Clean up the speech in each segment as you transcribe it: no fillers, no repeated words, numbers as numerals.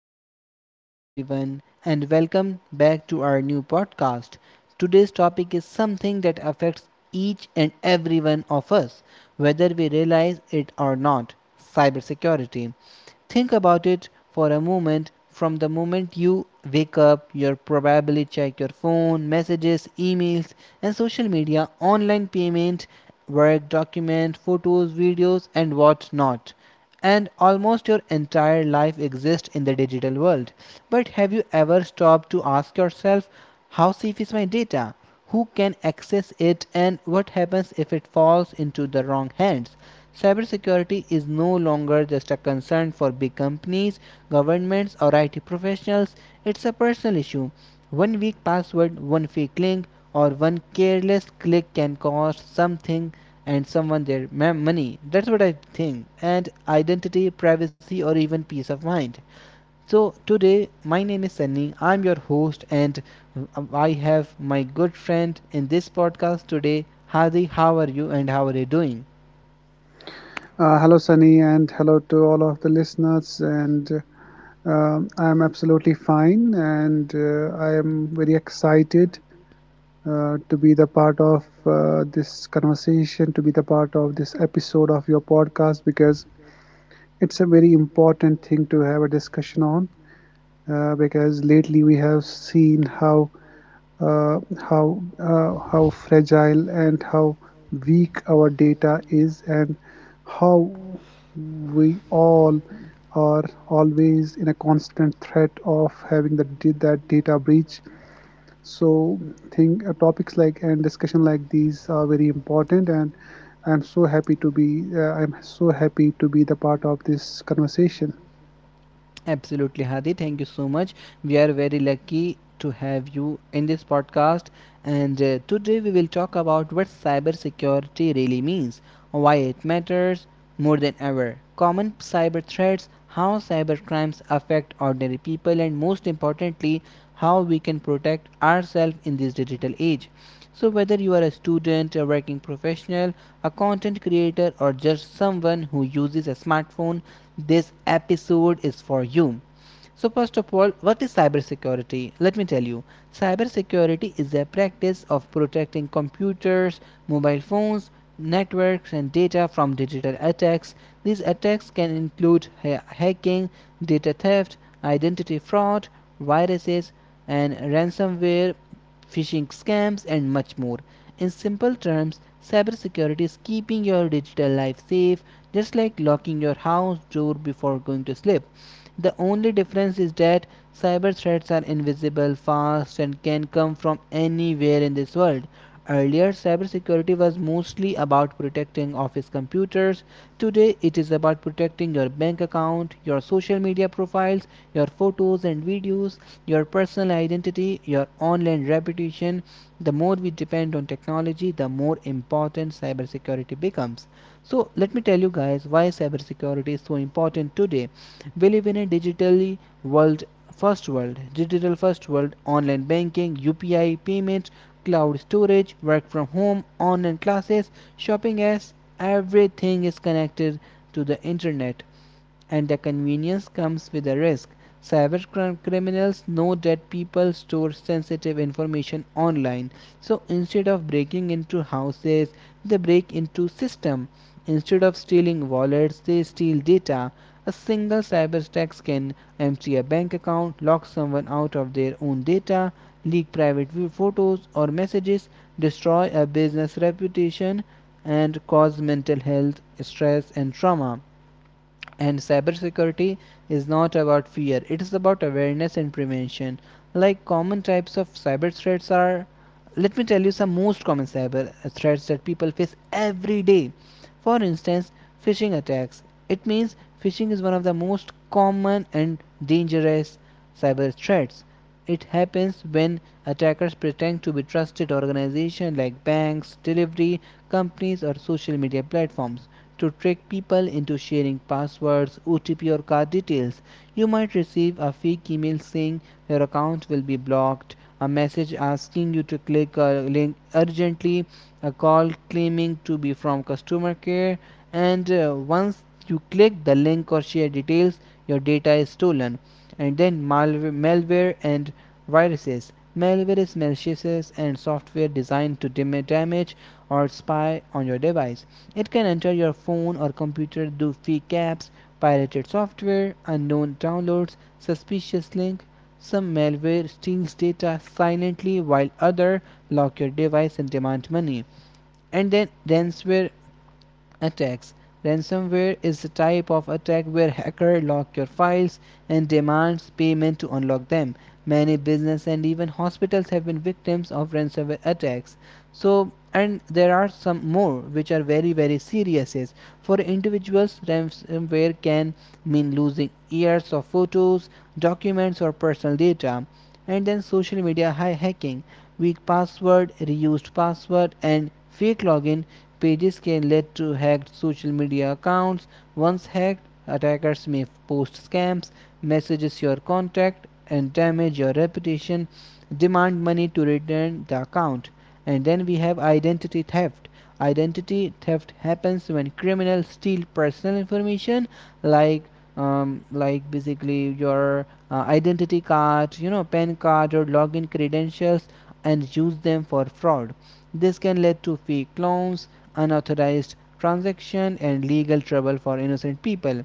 So, hello everyone, and welcome back to our new podcast. Today's topic is something that affects each and every one of us, whether we realize it or not, cybersecurity. Think about it for a moment. From the moment you wake up, you probably check your phone, messages, emails, and social media, online payment, work document, photos, videos, and whatnot, and almost your entire life exists in the digital world. But have you ever stopped to ask yourself, how safe is my data? Who can access it, and what happens if it falls into the wrong hands? Cybersecurity is no longer just a concern for big companies, governments, or IT professionals, it's a personal issue. One weak password, one fake link, or one careless click can cause something and someone their money. That's what I think. And identity, privacy, or even peace of mind. So, today, my name is Sunny. I'm your host, and I have my good friend in this podcast today, Hadi. How are you, and how are you doing? Hello, Sunny, and hello to all of the listeners. And I'm absolutely fine, and I am very excited to be the part of this conversation, to be the part of this episode of your podcast, because it's a very important thing to have a discussion on. Because lately we have seen uh, how fragile and how weak our data is, and how we all are always in a constant threat of having that data breach. So think topics like and discussion like these are very important, and I'm so happy to be the part of this conversation. Absolutely, Hadi. Thank you so much. We are very lucky to have you in this podcast. And today we will talk about what cybersecurity really means, why it matters more than ever, common cyber threats, how cyber crimes affect ordinary people, and most importantly, how we can protect ourselves in this digital age. So, whether you are a student, a working professional, a content creator, or just someone who uses a smartphone, this episode is for you. So first of all, what is cybersecurity? Let me tell you. Cybersecurity is a practice of protecting computers, mobile phones, networks and data from digital attacks. These attacks can include hacking, data theft, identity fraud, viruses and ransomware, phishing scams and much more. In simple terms, cybersecurity is keeping your digital life safe, just like locking your house door before going to sleep. The only difference is that cyber threats are invisible, fast, and can come from anywhere in this world. Earlier, cybersecurity was mostly about protecting office computers. Today, it is about protecting your bank account, your social media profiles, your photos and videos, your personal identity, your online reputation. The more we depend on technology, the more important cybersecurity becomes. So, let me tell you guys why cybersecurity is so important today. We live in a digitally world, first world, digital first world, online banking, UPI payments, cloud storage, work from home, online classes, shopping, as everything is connected to the internet, and the convenience comes with a risk. Cyber criminals know that people store sensitive information online, so instead of breaking into houses, they break into systems. Instead of stealing wallets, they steal data. A single cyber attack can empty a bank account, lock someone out of their own data, leak private photos or messages, destroy a business reputation, and cause mental health stress and trauma. And cybersecurity is not about fear, it is about awareness and prevention. Like, common types of cyber threats are, let me tell you some most common cyber threats that people face every day. For instance, phishing attacks. It means, phishing is one of the most common and dangerous cyber threats. It happens when attackers pretend to be trusted organizations like banks, delivery companies, or social media platforms to trick people into sharing passwords, OTP, or card details. You might receive a fake email saying your account will be blocked, a message asking you to click a link urgently, a call claiming to be from customer care, and once you click the link or share details, your data is stolen. And then malware, malware and viruses. Malware is malicious and software designed to damage or spy on your device. It can enter your phone or computer through fake apps, pirated software, unknown downloads, suspicious links. Some malware steals data silently while other lock your device and demand money. And then ransomware attacks. Ransomware is a type of attack where hackers lock your files and demands payment to unlock them. Many businesses and even hospitals have been victims of ransomware attacks. So, and there are some more which are very very serious. For individuals, ransomware can mean losing years of photos, documents, or personal data. And then social media hacking, weak password, reused password, and fake login pages can lead to hacked social media accounts. Once hacked, attackers may post scams, messages your contact, and damage your reputation, demand money to return the account. And then we have identity theft. Identity theft happens when criminals steal personal information like like basically your identity card, you know, PAN card or login credentials and use them for fraud. This can lead to fake loans, unauthorized transaction and legal trouble for innocent people.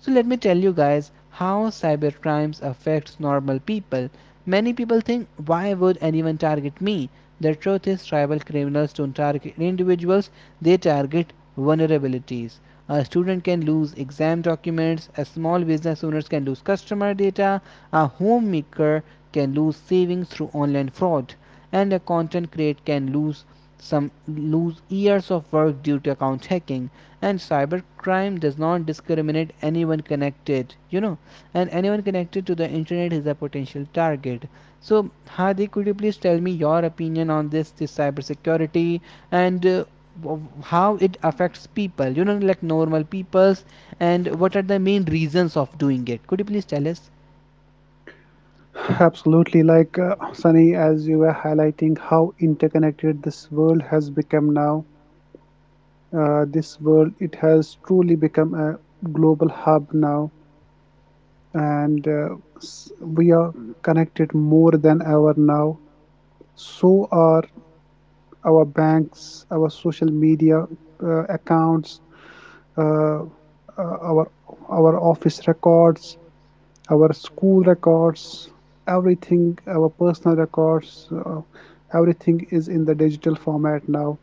So let me tell you guys how cyber crimes affects normal people. Many people think, why would anyone target me? The truth is cyber criminals don't target individuals, they target vulnerabilities. A student can lose exam documents, a small business owners can lose customer data, a homemaker can lose savings through online fraud, and a content creator can lose years of work due to account hacking. And cybercrime does not discriminate, anyone connected, you know, and anyone connected to the internet is a potential target. So, Hardik, could you please tell me your opinion on this cybersecurity, and how it affects people, you know, like normal peoples, and what are the main reasons of doing it? Could you please tell us? Absolutely, like Sunny, as you were highlighting how interconnected this world has become now. This world, it has truly become a global hub now, and we are connected more than ever now. So are our banks, our social media accounts, uh, uh, our our office records, our school records, everything, our personal records, everything is in the digital format now.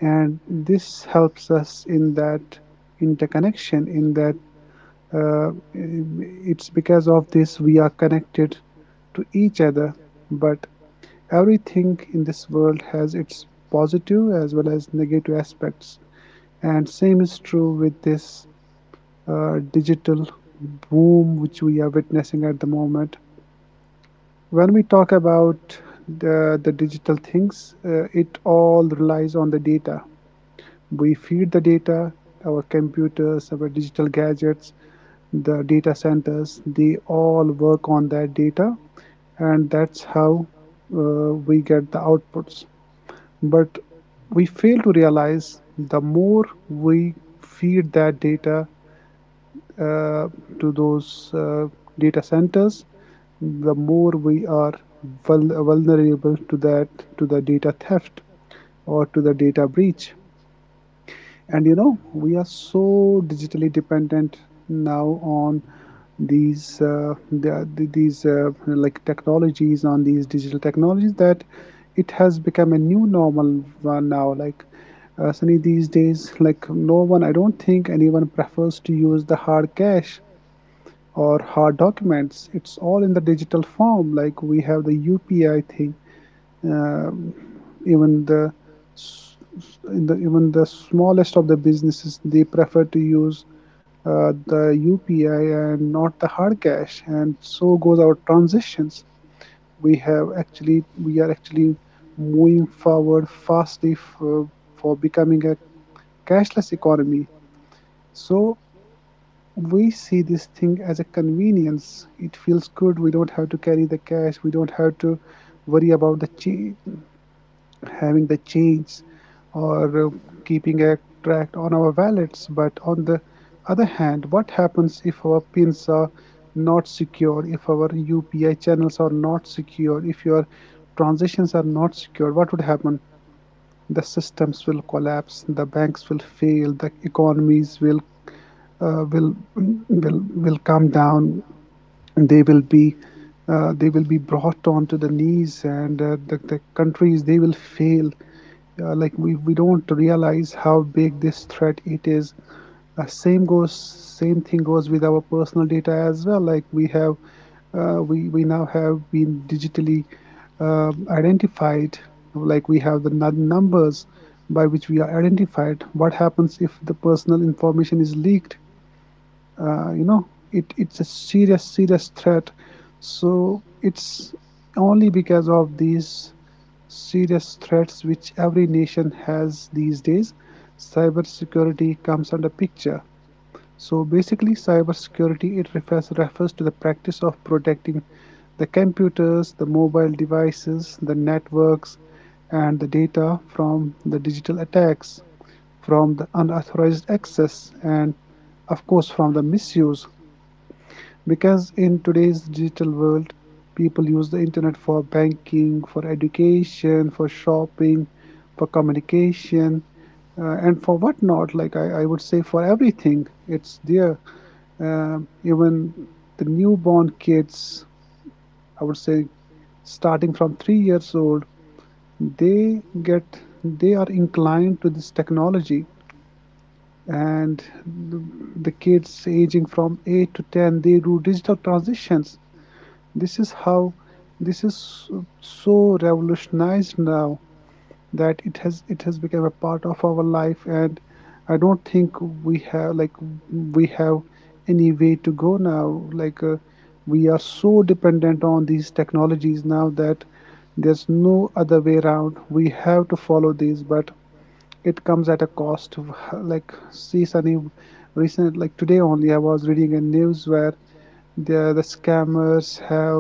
And this helps us in that interconnection, in that it's because of this we are connected to each other. But everything in this world has its positive as well as negative aspects. And same is true with this digital boom which we are witnessing at the moment. When we talk about the digital things, it all relies on the data. We feed the data, our computers, our digital gadgets, the data centers, they all work on that data, and that's how we get the outputs. But we fail to realize, the more we feed that data uh, to those data centers, the more we are vulnerable to that, to the data theft or to the data breach. And you know, we are so digitally dependent now on these the- these like technologies, on these digital technologies, that it has become a new normal one now. Like Sunny, these days, like no one, I don't think anyone prefers to use the hard cash or hard documents. It's all in the digital form. Like we have the upi thing. Um Even the in the even the smallest of the businesses, they prefer to use the upi and not the hard cash, and so goes our transitions. We have actually we are actually moving forward fastly for becoming a cashless economy. So we see this thing as a convenience. It feels good. We don't have to carry the cash. We don't have to worry about the change, having the change, or keeping a track on our wallets. But on the other hand, what happens if our pins are not secure, if our UPI channels are not secure, if your transitions are not secure? What would happen? The systems will collapse, the banks will fail, the economies will uh, will come down. They will be they will be brought onto the knees, and the countries, they will fail. Like we don't realize how big this threat it is. uh, same goes Same thing goes with our personal data as well. Like we we now have been digitally uh, identified. Like we have the numbers by which we are identified. What happens if the personal information is leaked? You know, it's a serious threat. So it's only because of these serious threats which every nation has these days, cybersecurity comes under picture. So basically, cybersecurity, it refers to the practice of protecting the computers, the mobile devices, the networks, and the data from the digital attacks, from the unauthorized access, and of course from the misuse. Because in today's digital world, people use the internet for banking, for education, for shopping, for communication, and for whatnot. Like I would say, for everything, it's there. Even the newborn kids, I would say, starting from 3 years old, they get they are inclined to this technology, and the kids aging from 8 to 10, they do digital transitions. this is how this is so so revolutionized now that it has become a part of our life. And I don't think we have we have any way to go now. Like we are so dependent on these technologies now that there's no other way around. We have to follow these, but it comes at a cost. Like see, Sunny, recent, like today only, I was reading a news where the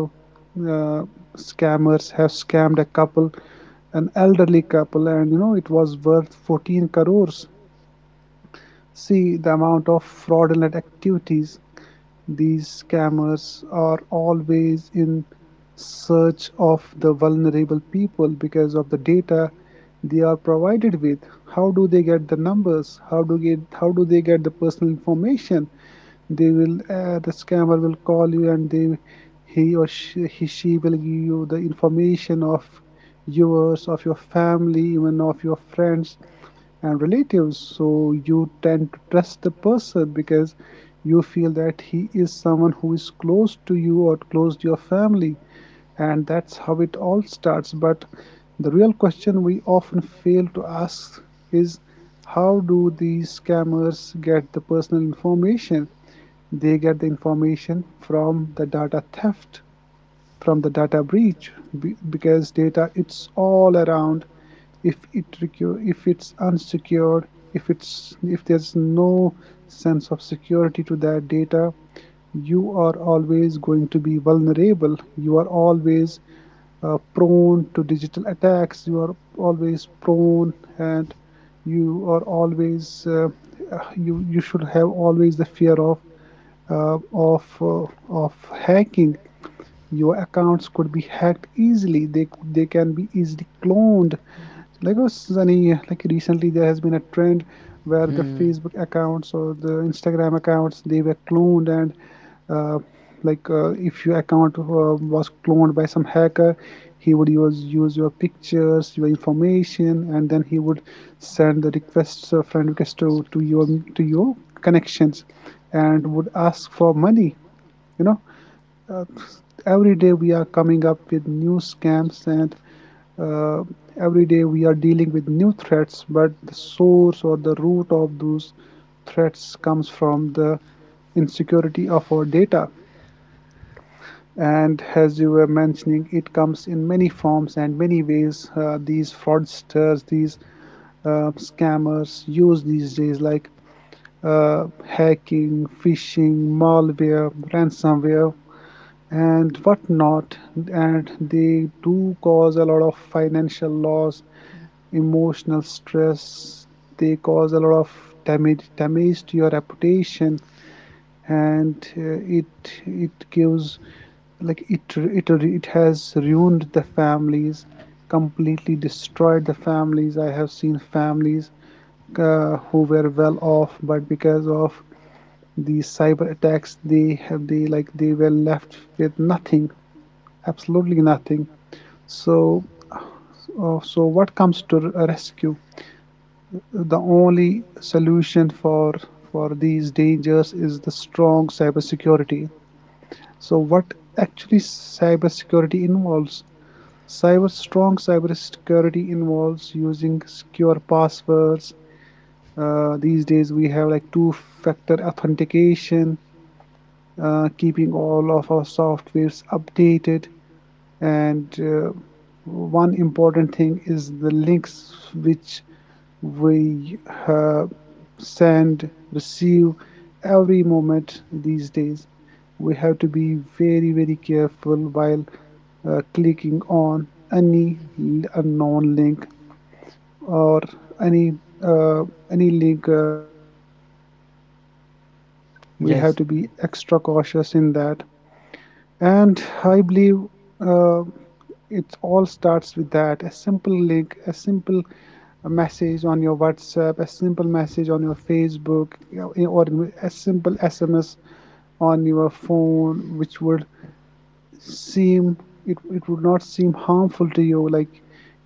uh, scammers have scammed a couple, an elderly couple, and you know, it was worth 14 crores. See the amount of fraudulent activities. These scammers are always in search of the vulnerable people because of the data they are provided with. How do they get the numbers? How do they get the personal information? They will the scammer will call you, and they he she will give you the information of yours, of your family, even of your friends and relatives. So you tend to trust the person, because you feel that he is someone who is close to you or close to your family, and that's how it all starts. But the real question we often fail to ask is, how do these scammers get the personal information? They get the information from the data theft, from the data breach. Because data, it's all around. if it if it's unsecured, if there's no sense of security to that data, you are always going to be vulnerable. You are always prone to digital attacks. You are always prone, and you are always you should have always the fear of uh, of uh, of hacking. Your accounts could be hacked easily. They can be easily cloned. Like oh, Sunny, like recently there has been a trend where the Hmm. Facebook accounts or the Instagram accounts, they were cloned. And uh, like if your account was cloned by some hacker, he would use your pictures, your information, and then he would send the requests, friend requests, to your connections, and would ask for money, you know. uh, every day we are coming up with new scams, and uh, every day we are dealing with new threats. But the source or the root of those threats comes from the insecurity of our data. And as you were mentioning, it comes in many forms and many ways. These fraudsters, these scammers use these days, like hacking, phishing, malware, ransomware, and whatnot. And they do cause a lot of financial loss, emotional stress. They cause a lot of damage to your reputation, and it it gives, like it it has ruined the families, completely destroyed the families. I have seen families who were well off, but because of these cyber attacks, they like they were left with nothing, absolutely nothing. So, so what comes to rescue? The only solution for these dangers is the strong cybersecurity. So what actually cybersecurity involves? Cyber Strong cybersecurity involves using secure passwords. These days, we have like two-factor authentication, keeping all of our softwares updated, and one important thing is the links which we uh, send receive every moment these days. We have to be very very careful while clicking on any unknown link, or any uh, any link which we tend to download. We have Yes, to be extra cautious in that, and I believe uh, it all starts with that. A simple link, a simple message on your WhatsApp, a simple message on your Facebook, or a simple SMS on your phone, which would seem, it would not seem harmful to you. Like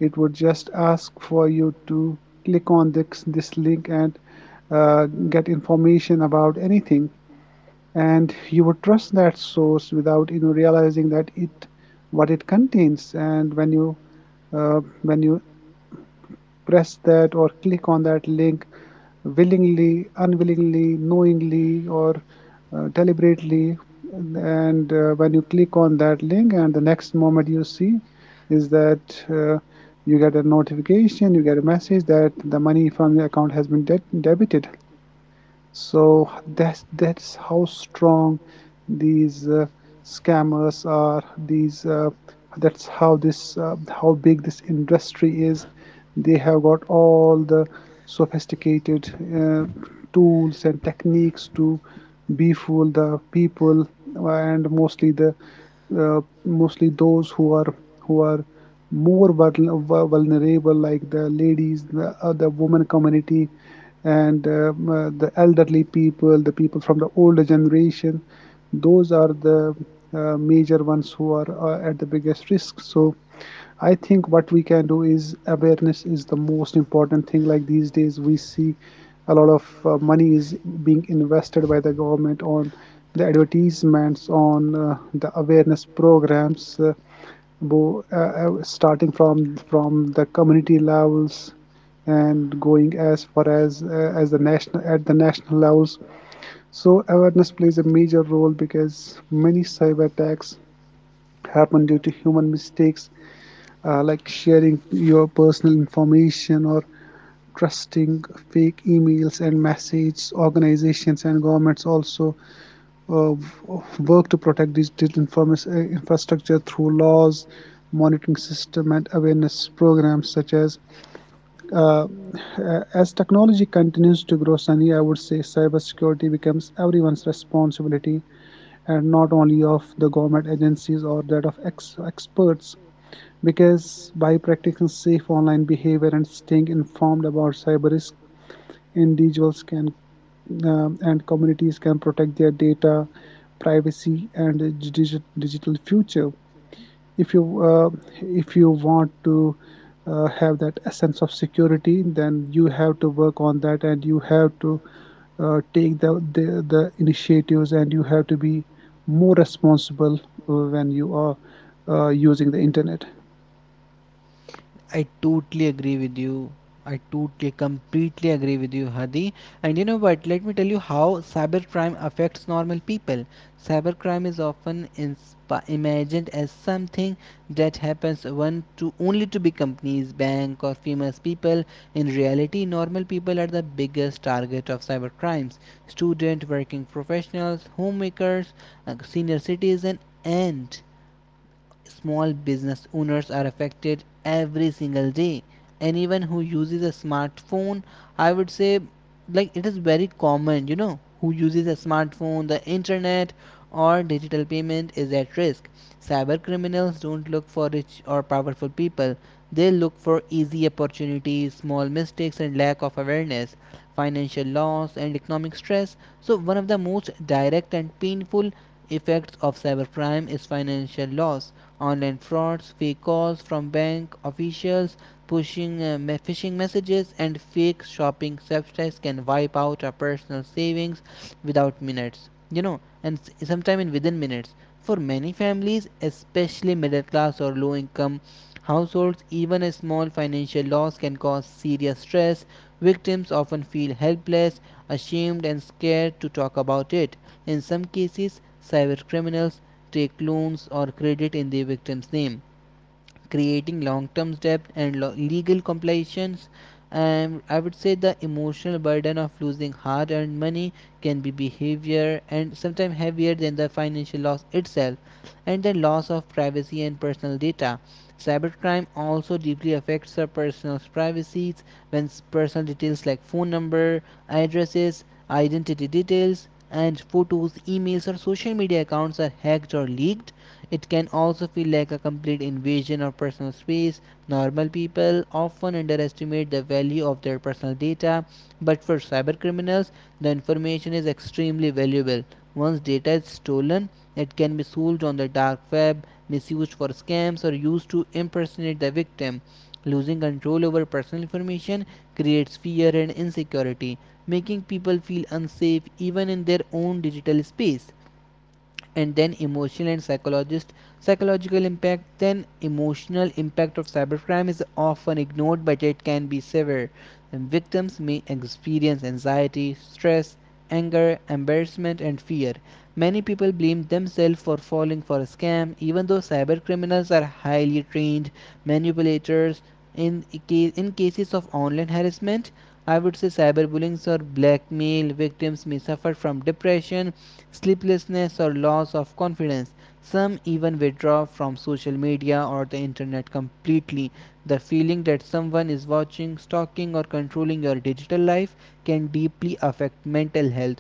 it would just ask for you to click on this link and get information about anything, and you would trust that source without, you know, realizing that it what it contains. And when you press that or click on that link, willingly, unwillingly, knowingly, or deliberately, and when you click on that link, and the next moment you see is that uh, you get a notification, you get a message that the money from your account has been debited. So that's how strong these scammers are. These That's how this how big this industry is. They have got all the sophisticated tools and techniques to befool the people, and mostly the mostly those who are more vulnerable, like the ladies, the other women community, and the elderly people, the people from the older generation. Those are the major ones who are at the biggest risk. So I think what we can do is awareness is the most important thing. Like these days, we see a lot of money is being invested by the government on the advertisements, on the awareness programs. Starting from the community levels and going as far as the national at the national levels. So awareness plays a major role because many cyber attacks happen due to human mistakes, like sharing your personal information or trusting fake emails and messages. Organizations and governments also uh, work to protect digital infrastructure through laws, monitoring system, and awareness programs such uh, as technology continues to grow. Sunny, I would say cybersecurity becomes everyone's responsibility and not only of the government agencies or that of experts. Because by practicing safe online behavior and staying informed about cyber risk, individuals can and communities can protect their data privacy and digital future. If you want to have that sense of security, then you have to work on that and you have to take the initiatives, and you have to be more responsible when you are using the internet. I totally agree with you. I totally, completely agree with you, Hadi. And you know what? Let me tell you how cybercrime affects normal people. Cybercrime is often imagined as something that happens one to only to big companies, bank, or famous people. In reality, normal people are the biggest target of cybercrimes. Student, working professionals, homemakers, senior citizens, and small business owners are affected every single day. Anyone who uses a smartphone, I would say, like it is very common, you know, who uses a smartphone, the internet, or digital payment is at risk. Cyber criminals don't look for rich or powerful people, they look for easy opportunities, small mistakes, and lack of awareness, financial loss, and economic stress. So, one of the most direct and painful effects of cybercrime is financial loss. Online frauds, fake calls from bank officials, pushing phishing messages, and fake shopping websites can wipe out our personal savings without minutes. You know, and sometimes in within minutes. For many families, especially middle class or low income households, even a small financial loss can cause serious stress. Victims often feel helpless, ashamed, and scared to talk about it. In some cases, cyber criminals take loans or credit in the victim's name, creating long term debt and legal complications. And I would say the emotional burden of losing hard earned money can be behavior and sometimes heavier than the financial loss itself, and the loss of privacy and personal data. Cybercrime also deeply affects our personal privacies when personal details like phone number, addresses, identity details, and photos, emails, or social media accounts are hacked or leaked. It can also feel like a complete invasion of personal space. Normal people often underestimate the value of their personal data, but for cybercriminals, the information is extremely valuable. Once data is stolen, it can be sold on the dark web, misused for scams, or used to impersonate the victim. Losing control over personal information creates fear and insecurity, making people feel unsafe even in their own digital space. And then emotional and psychologist psychological impact. Then emotional impact of cybercrime is often ignored, but it can be severe, and victims may experience anxiety, stress, anger, embarrassment, and fear. Many people blame themselves for falling for a scam, even though cybercriminals are highly trained manipulators. In in cases of online harassment, I would say cyberbullying or blackmail, victims may suffer from depression, sleeplessness, or loss of confidence. Some even withdraw from social media or the internet completely. The feeling that someone is watching, stalking, or controlling your digital life can deeply affect mental health,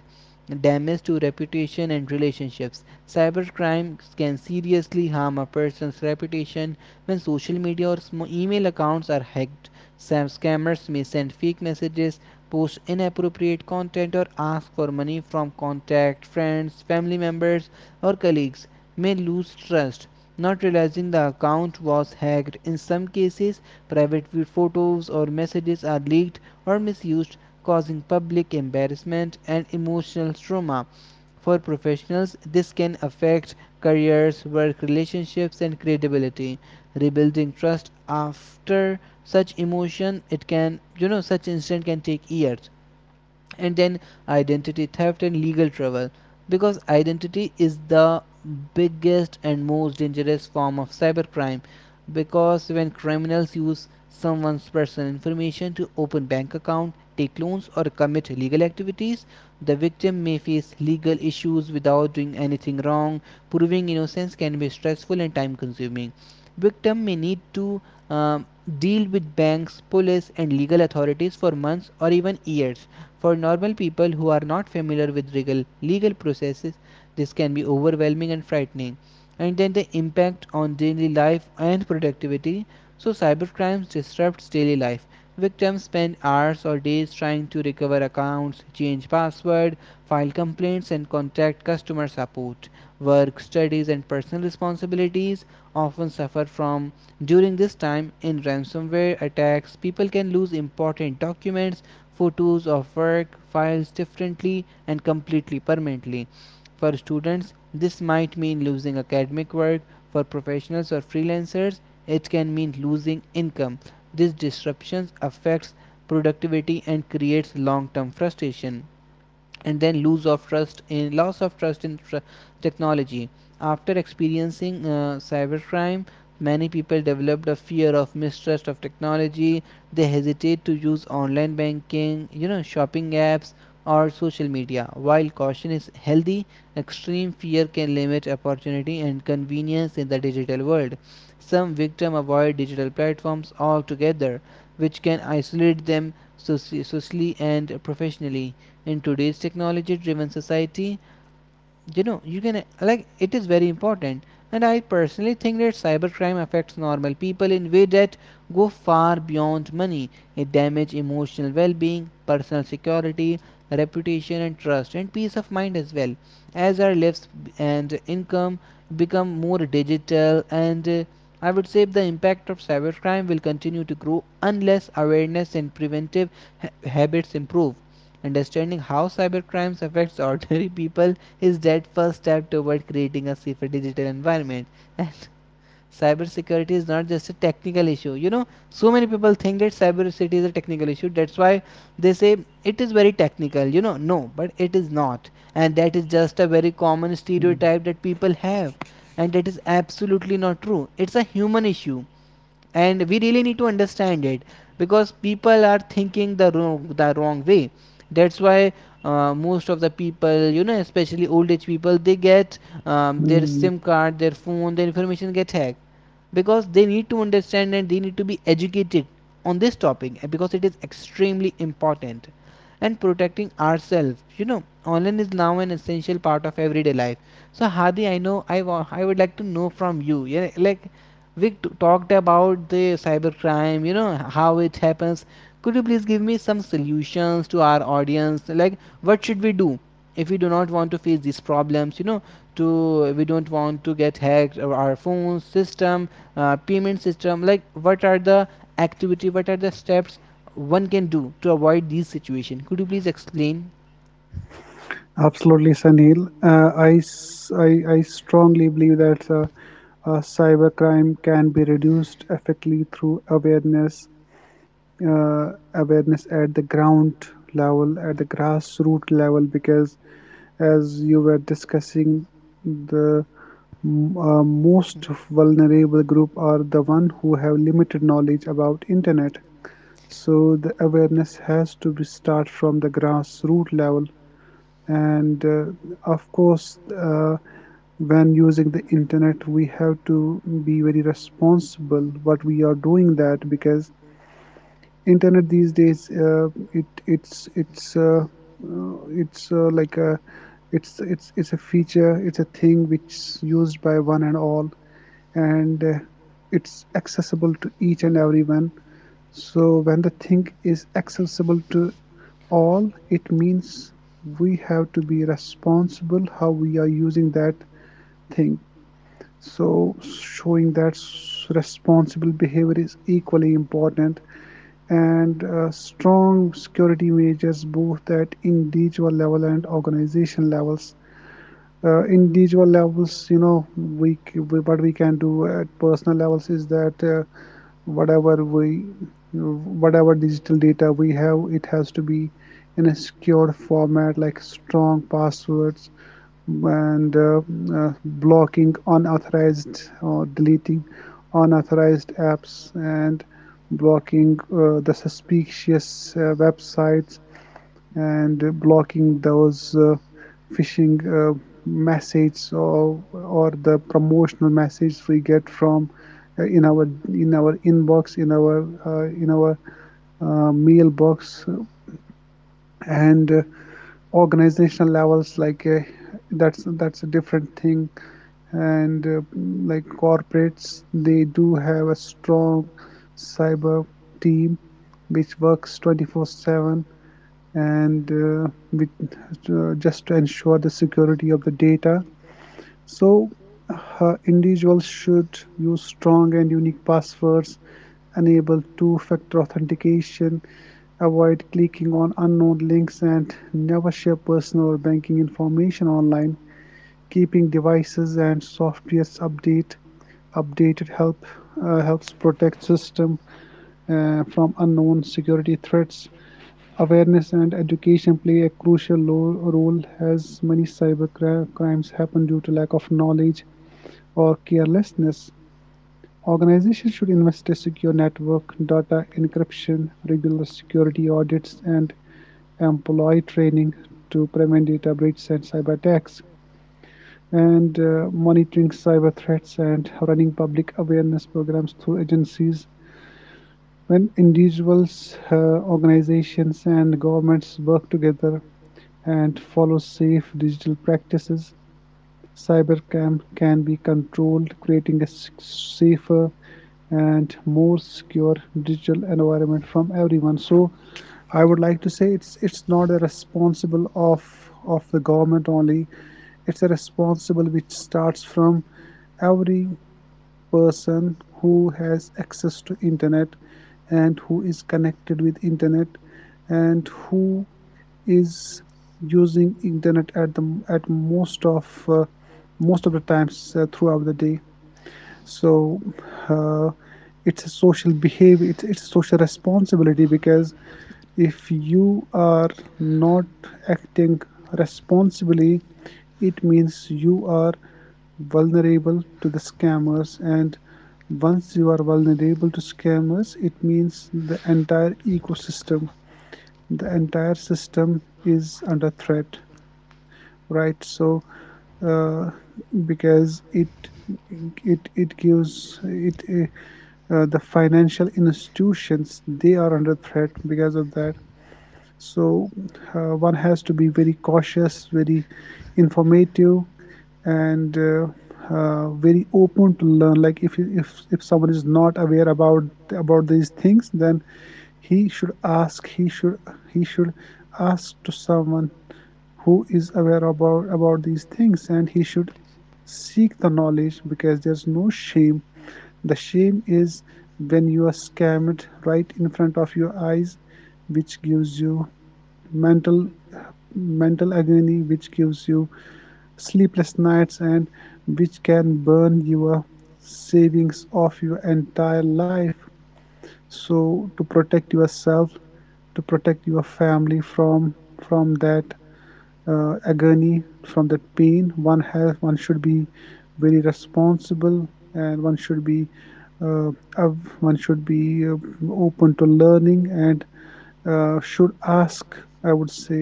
damage to reputation and relationships. Cybercrime can seriously harm a person's reputation when social media or email accounts are hacked. Some scammers may send fake messages, post inappropriate content, or ask for money from contacts, friends, family members, or colleagues may lose trust, not realizing the account was hacked. In some cases, private photos or messages are leaked or misused, causing public embarrassment and emotional trauma. For professionals, this can affect careers, work relationships, and credibility, rebuilding trust after such emotion it can you know such incident can take years. And then identity theft and legal trouble, because identity is the biggest and most dangerous form of cybercrime, because when criminals use someone's personal information to open bank account, take loans, or commit illegal activities, the victim may face legal issues without doing anything wrong. Proving innocence can be stressful and time consuming. Victim may need to um, deal with banks, police, and legal authorities for months or even years. For normal people who are not familiar with legal processes, this can be overwhelming and frightening. And then the impact on daily life and productivity. So, cybercrime disrupts daily life. Victims spend hours or days trying to recover accounts, change password, file complaints, and contact customer support. Work, studies, and personal responsibilities often suffer from. During this time, in ransomware attacks, people can lose important documents, photos of work files differently and completely permanently. For students, this might mean losing academic work. For professionals or freelancers, it can mean losing income. These disruptions affects productivity and creates long-term frustration. And then loss of trust in technology. After experiencing cybercrime, many people developed a fear of mistrust of technology. They hesitate to use online banking, you know, shopping apps, or social media. While caution is healthy, extreme fear can limit opportunity and convenience in the digital world. Some victims avoid digital platforms altogether, which can isolate them socially and professionally. In today's technology driven society, you know you can like it is very important. And I personally think that cybercrime affects normal people in ways that go far beyond money. It damages emotional well-being, personal security, reputation and trust, and peace of mind as well. As our lives and income become more digital, and I would say, the impact of cybercrime will continue to grow unless awareness and preventive habits improve. Understanding how cybercrime affects ordinary people is that first step toward creating a safer digital environment. And cybersecurity is not just a technical issue. You know, so many people think that cybersecurity is a technical issue. That's why they say it is very technical. You know, no, but it is not. And that is just a very common Mm. stereotype that people have. And that is absolutely not true. It's a human issue, and we really need to understand it, because people are thinking the wrong way. That's why most of the people, you know, especially old age people, they get their Mm. sim card, their phone, their information get hacked, because they need to understand and they need to be educated on this topic, because it is extremely important. And protecting ourselves, you know, online is now an essential part of everyday life. So Hadi, I would like to know from you, yeah, like, we talked about the cybercrime, you know, how it happens. Could you please give me some solutions to our audience, like what should we do if we do not want to face these problems, you know, to we don't want to get hacked, or our phone system, payment system? Like, what are the activity, what are the steps one can do to avoid these situation? Could you please explain? Absolutely, Sunil. I strongly believe that cybercrime can be reduced effectively through awareness, awareness at the ground level, at the grassroots level, because as you were discussing, the most vulnerable group are the one who have limited knowledge about internet. So the awareness has to be start from the grassroots level, and of course, when using the internet we have to be very responsible what we are doing, that because internet these days, it it's like a it's a feature, it's a thing which's used by one and all, and it's accessible to each and everyone. So when the thing is accessible to all, it means we have to be responsible how we are using that thing. So showing that responsible behavior is equally important, and strong security measures both at individual level and organization levels. Individual levels, you know, we what we can do at personal levels is that whatever we, whatever digital data we have, it has to be in a secure format like strong passwords, and blocking unauthorized or deleting unauthorized apps, and blocking the suspicious websites, and blocking those phishing messages, or the promotional messages we get from in our, in our inbox in our mailbox. And organizational levels, like, that's a different thing. And like corporates, they do have a strong cyber team which works 24/7, and just to ensure the security of the data. So individuals should use strong and unique passwords, enable two-factor authentication, avoid clicking on unknown links, and never share personal or banking information online. Keeping devices and softwares update updated helps protect system from unknown security threats. Awareness and education play a crucial role as many cybercrimes happen due to lack of knowledge or carelessness. Organizations should invest in secure network, data encryption, regular security audits, and employee training to prevent data breaches and cyber attacks, and monitoring cyber threats and running public awareness programs through agencies. When individuals, organizations, and governments work together, and follow safe digital practices, cybercrime can be controlled, creating a safer and more secure digital environment from everyone. So I would like to say it's not a responsible of the government only. It's a responsible which starts from every person who has access to internet, and who is connected with internet, and who is using internet at the at most of the times throughout the day. So uh, it's a social behavior, it's a social responsibility, because if you are not acting responsibly, it means you are vulnerable to the scammers. And once you are vulnerable to scammers, it means the entire ecosystem, the entire system is under threat, right? So, uh, because it gives it the financial institutions, they are under threat because of that. So one has to be very cautious, very informative, and very open to learn. Like, if someone is not aware about these things, then he should ask, he should, he should ask to someone who is aware about these things, and he should seek the knowledge, because there's no shame. The shame is when you are scammed right in front of your eyes, which gives you mental mental agony, which gives you sleepless nights, and which can burn your savings of your entire life. So to protect yourself, to protect your family from that agony, from that pain, one should be very responsible, and one should be uh, one should be uh, open to learning, and should ask, I would say,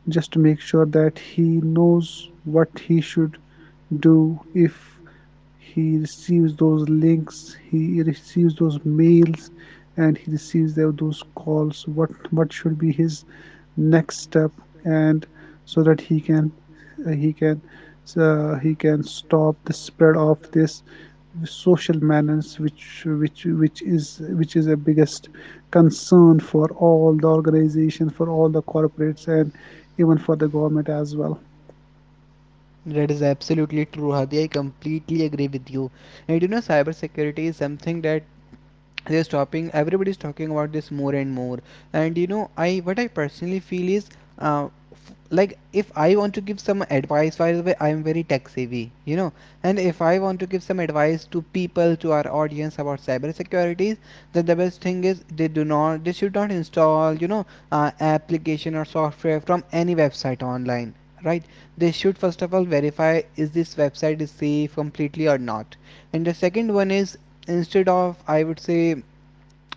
just to make sure that he knows what he should do if he receives those links, he receives those mails, and he receives those calls, what should be his next step, and so that he can uh, he can he can stop the spread of this social menace, which is a biggest concern for all the organizations, for all the corporates, and even for the government as well. That is absolutely true, Hadi. I completely agree with you. And you know, cyber security is something that they're stopping everybody's talking about this more and more. And you know I what I personally feel is uh, f- like, if I want to give some advice, by the way, I'm very tech savvy, you know. And if I want to give some advice to people, to our audience, about cyber securities, then the best thing is, they do not, they should not install, you know, application or software from any website online, right? They should first of all verify, is this website is safe completely or not? And the second one is, instead of, I would say,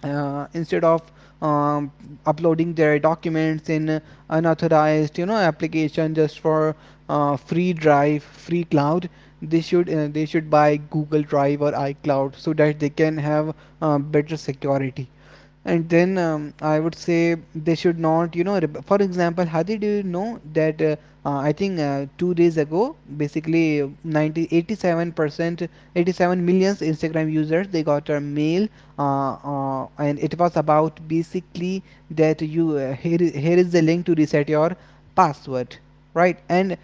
instead of um, uploading their documents in unauthorized, you know, application just for free drive, free cloud, they should, they should buy Google Drive or iCloud so that they can have better security. And then I would say they should not, you know, for example, Hadi, do you know that I think 2 days ago, basically, 90 87% 87 millions Instagram users they got a mail, and it was about basically that you here, here is the link to reset your password, right? And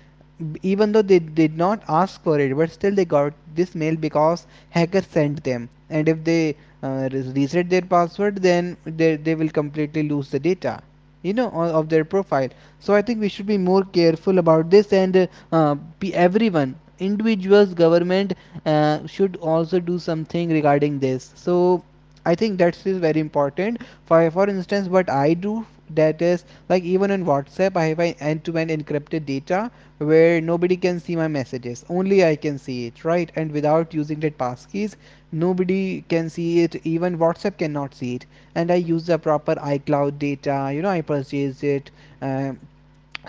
even though they did not ask for it, but still they got this mail, because hackers sent them. And if they uh, reset their password, then they will completely lose the data, you know, of their profile. So I think we should be more careful about this. And be, everyone, individuals, government, should also do something regarding this. So I think that is very important. For instance, what I do, that is, like, even in WhatsApp, I have an end-to-end encrypted data, where nobody can see my messages. Only I can see it, right? And without using that passkeys, nobody can see it. Even WhatsApp cannot see it. And I use the proper iCloud data. You know, I purchased it. Um,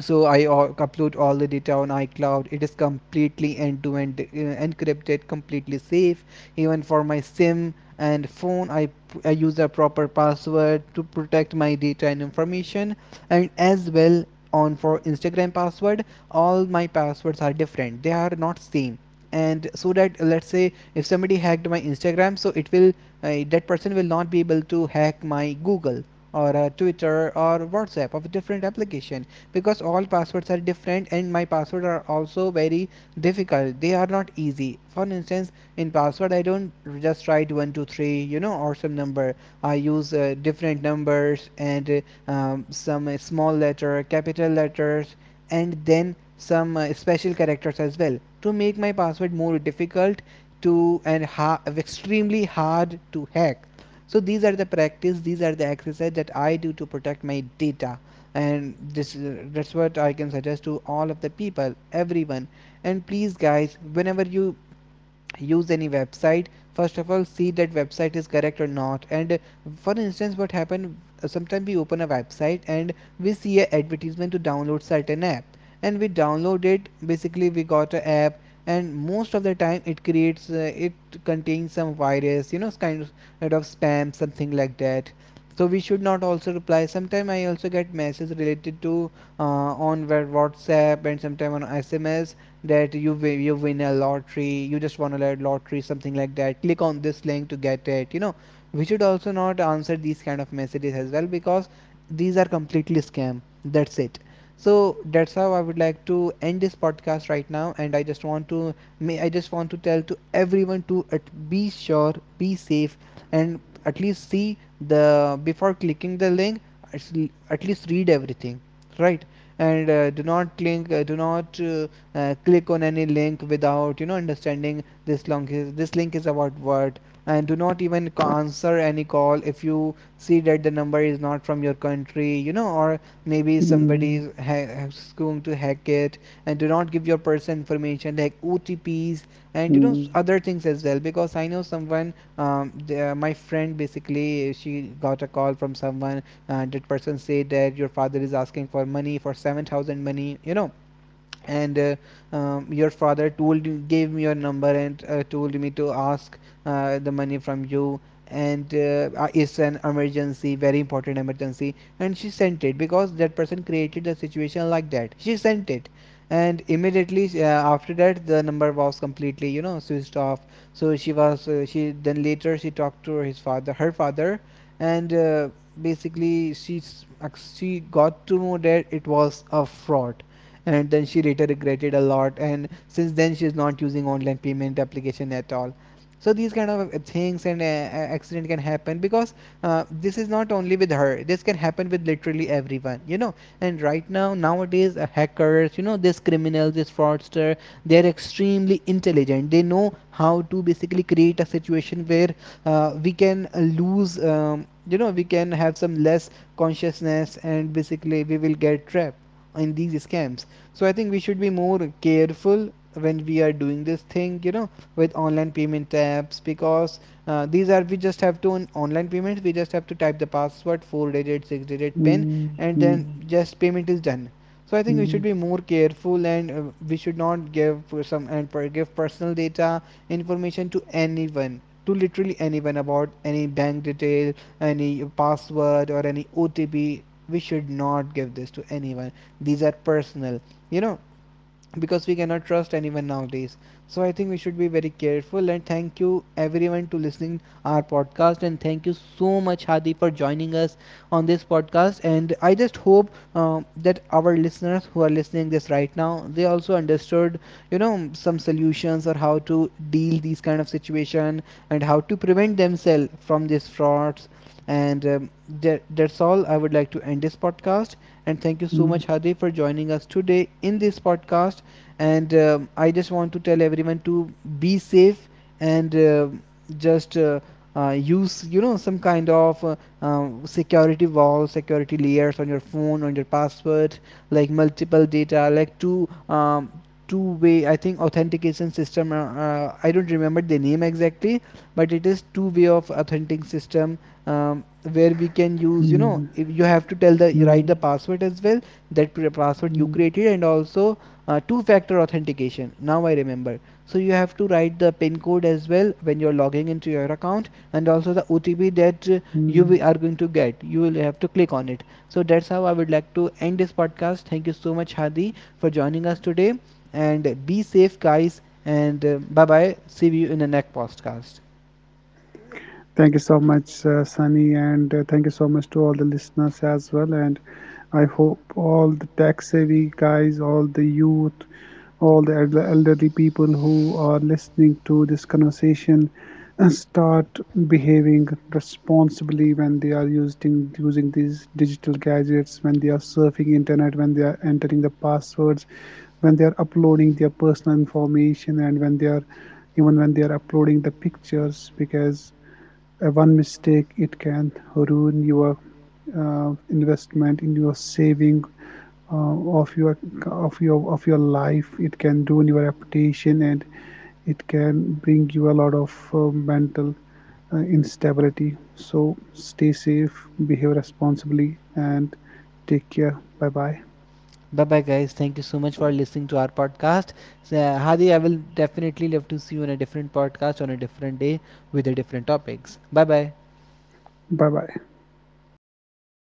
so I upload all the data on iCloud. It is completely end to end encrypted, completely safe. Even for my sim and phone, I I use a proper password to protect my data and information. And as well, on for Instagram password, all my passwords are different, they are not same. And so that, let's say if somebody hacked my Instagram, so it will, that person will not be able to hack my Google, or Twitter or WhatsApp of a different application, because all passwords are different. And my passwords are also very difficult, they are not easy. For instance, in password I don't just write 123, you know, or some number. I use different numbers, and some small letter, capital letters, and then some special characters as well, to make my password more difficult to, and extremely hard to hack. So these are the practice, these are the exercise that I do to protect my data. And this that's what I can suggest to all of the people, everyone. And please guys, whenever you use any website, first of all see that website is correct or not. And for instance, what happened? Sometimes we open a website, and we see a advertisement to download certain app, and we download it, basically we got a app. And most of the time it creates it contains some virus, you know, kind of spam, something like that. So we should not also reply. Sometimes I also get messages related to uh, on where WhatsApp, and sometimes on SMS, that you win a lottery, you just won a lottery, something like that. Click on this link to get it. You know, we should also not answer these kind of messages as well, because these are completely scam. That's it. So that's how I would like to end this podcast right now. And I just want to, may I just want to tell to everyone to, at, be sure, be safe, and at least see the, before clicking the link, at at least read everything, right? And do not click, do not, click on any link without, you know, understanding this link is, this link is about what. And do not even answer any call if you see that the number is not from your country, you know, or maybe Mm, somebody is has going to hack it. And do not give your personal information like OTPs, and you know, mm. Other things as well. Because I know someone, my friend basically, she got a call from someone, that person say that your father is asking for money for 7,000 money, you know. And your father told, gave me your number and told me to ask the money from you. And it's an emergency, very important emergency. And she sent it, because that person created the situation like that. She sent it, and immediately after that the number was completely, you know, switched off. So she was, she then later she talked to his father, her father. And basically she she got to know that it was a fraud. And then she later regretted a lot, and since then she's not using online payment application at all. So these kind of things and accident can happen, because this is not only with her, this can happen with literally everyone, you know. And right now, nowadays, hackers, you know, these criminals, this fraudster, they're extremely intelligent. They know how to basically create a situation where we can lose you know, we can have some less consciousness, and basically we will get trapped in these scams. So I think we should be more careful when we are doing this thing, you know, with online payment apps. Because these are, we just have to, on online payments we just have to type the password, four digit, six digit pin, Thank and then you just payment is done. So I think we should be more careful. And we should not give some and per, give personal data, information to anyone, to literally anyone, about any bank detail, any password, or any OTP. We should not give this to anyone. These are personal, you know, because we cannot trust anyone nowadays. So I think we should be very careful. And thank you everyone to listening our podcast. And thank you so much Hadi for joining us on this podcast. And I just hope that our listeners who are listening this right now, they also understood, you know, some solutions or how to deal these kind of situation, and how to prevent themselves from these frauds. And that's all, I would like to end this podcast. And thank you so much Hadi for joining us today in this podcast. And um, I just want to tell everyone to be safe. And just, use, you know, some kind of security wall, security layers on your phone, on your password, like multiple data, like two, two way, I think, authentication system. I don't remember the name exactly, but it is two way of authentic system. um, where we can use, you know, if you have to tell the, you write the password as well, that password you created, and also two factor authentication, now I remember. So you have to write the pin code as well when you're logging into your account, and also the OTP that you are going to get, you will have to click on it. So that's how I would like to end this podcast. Thank you so much Hadi for joining us today. And be safe guys, and bye bye, see you in the next podcast. so much, Sunny, and thank you so much to all the listeners as well. And I hope all the tech savvy guys, all the youth, all the elderly people who are listening to this conversation start behaving responsibly when they are using using these digital gadgets, when they are surfing internet, when they are entering the passwords, when they are uploading their personal information, and when they are, even when they are uploading the pictures, because one mistake, it can ruin your investment in your saving, of your of your of your life. It can ruin your reputation, and it can bring you a lot of mental instability. So stay safe, behave responsibly, and take care. Bye bye. Bye bye guys, thank you so much for listening to our podcast. So, Hadi, I will definitely love to see you on a different podcast on a different day, with a different topics. Bye bye. Bye bye.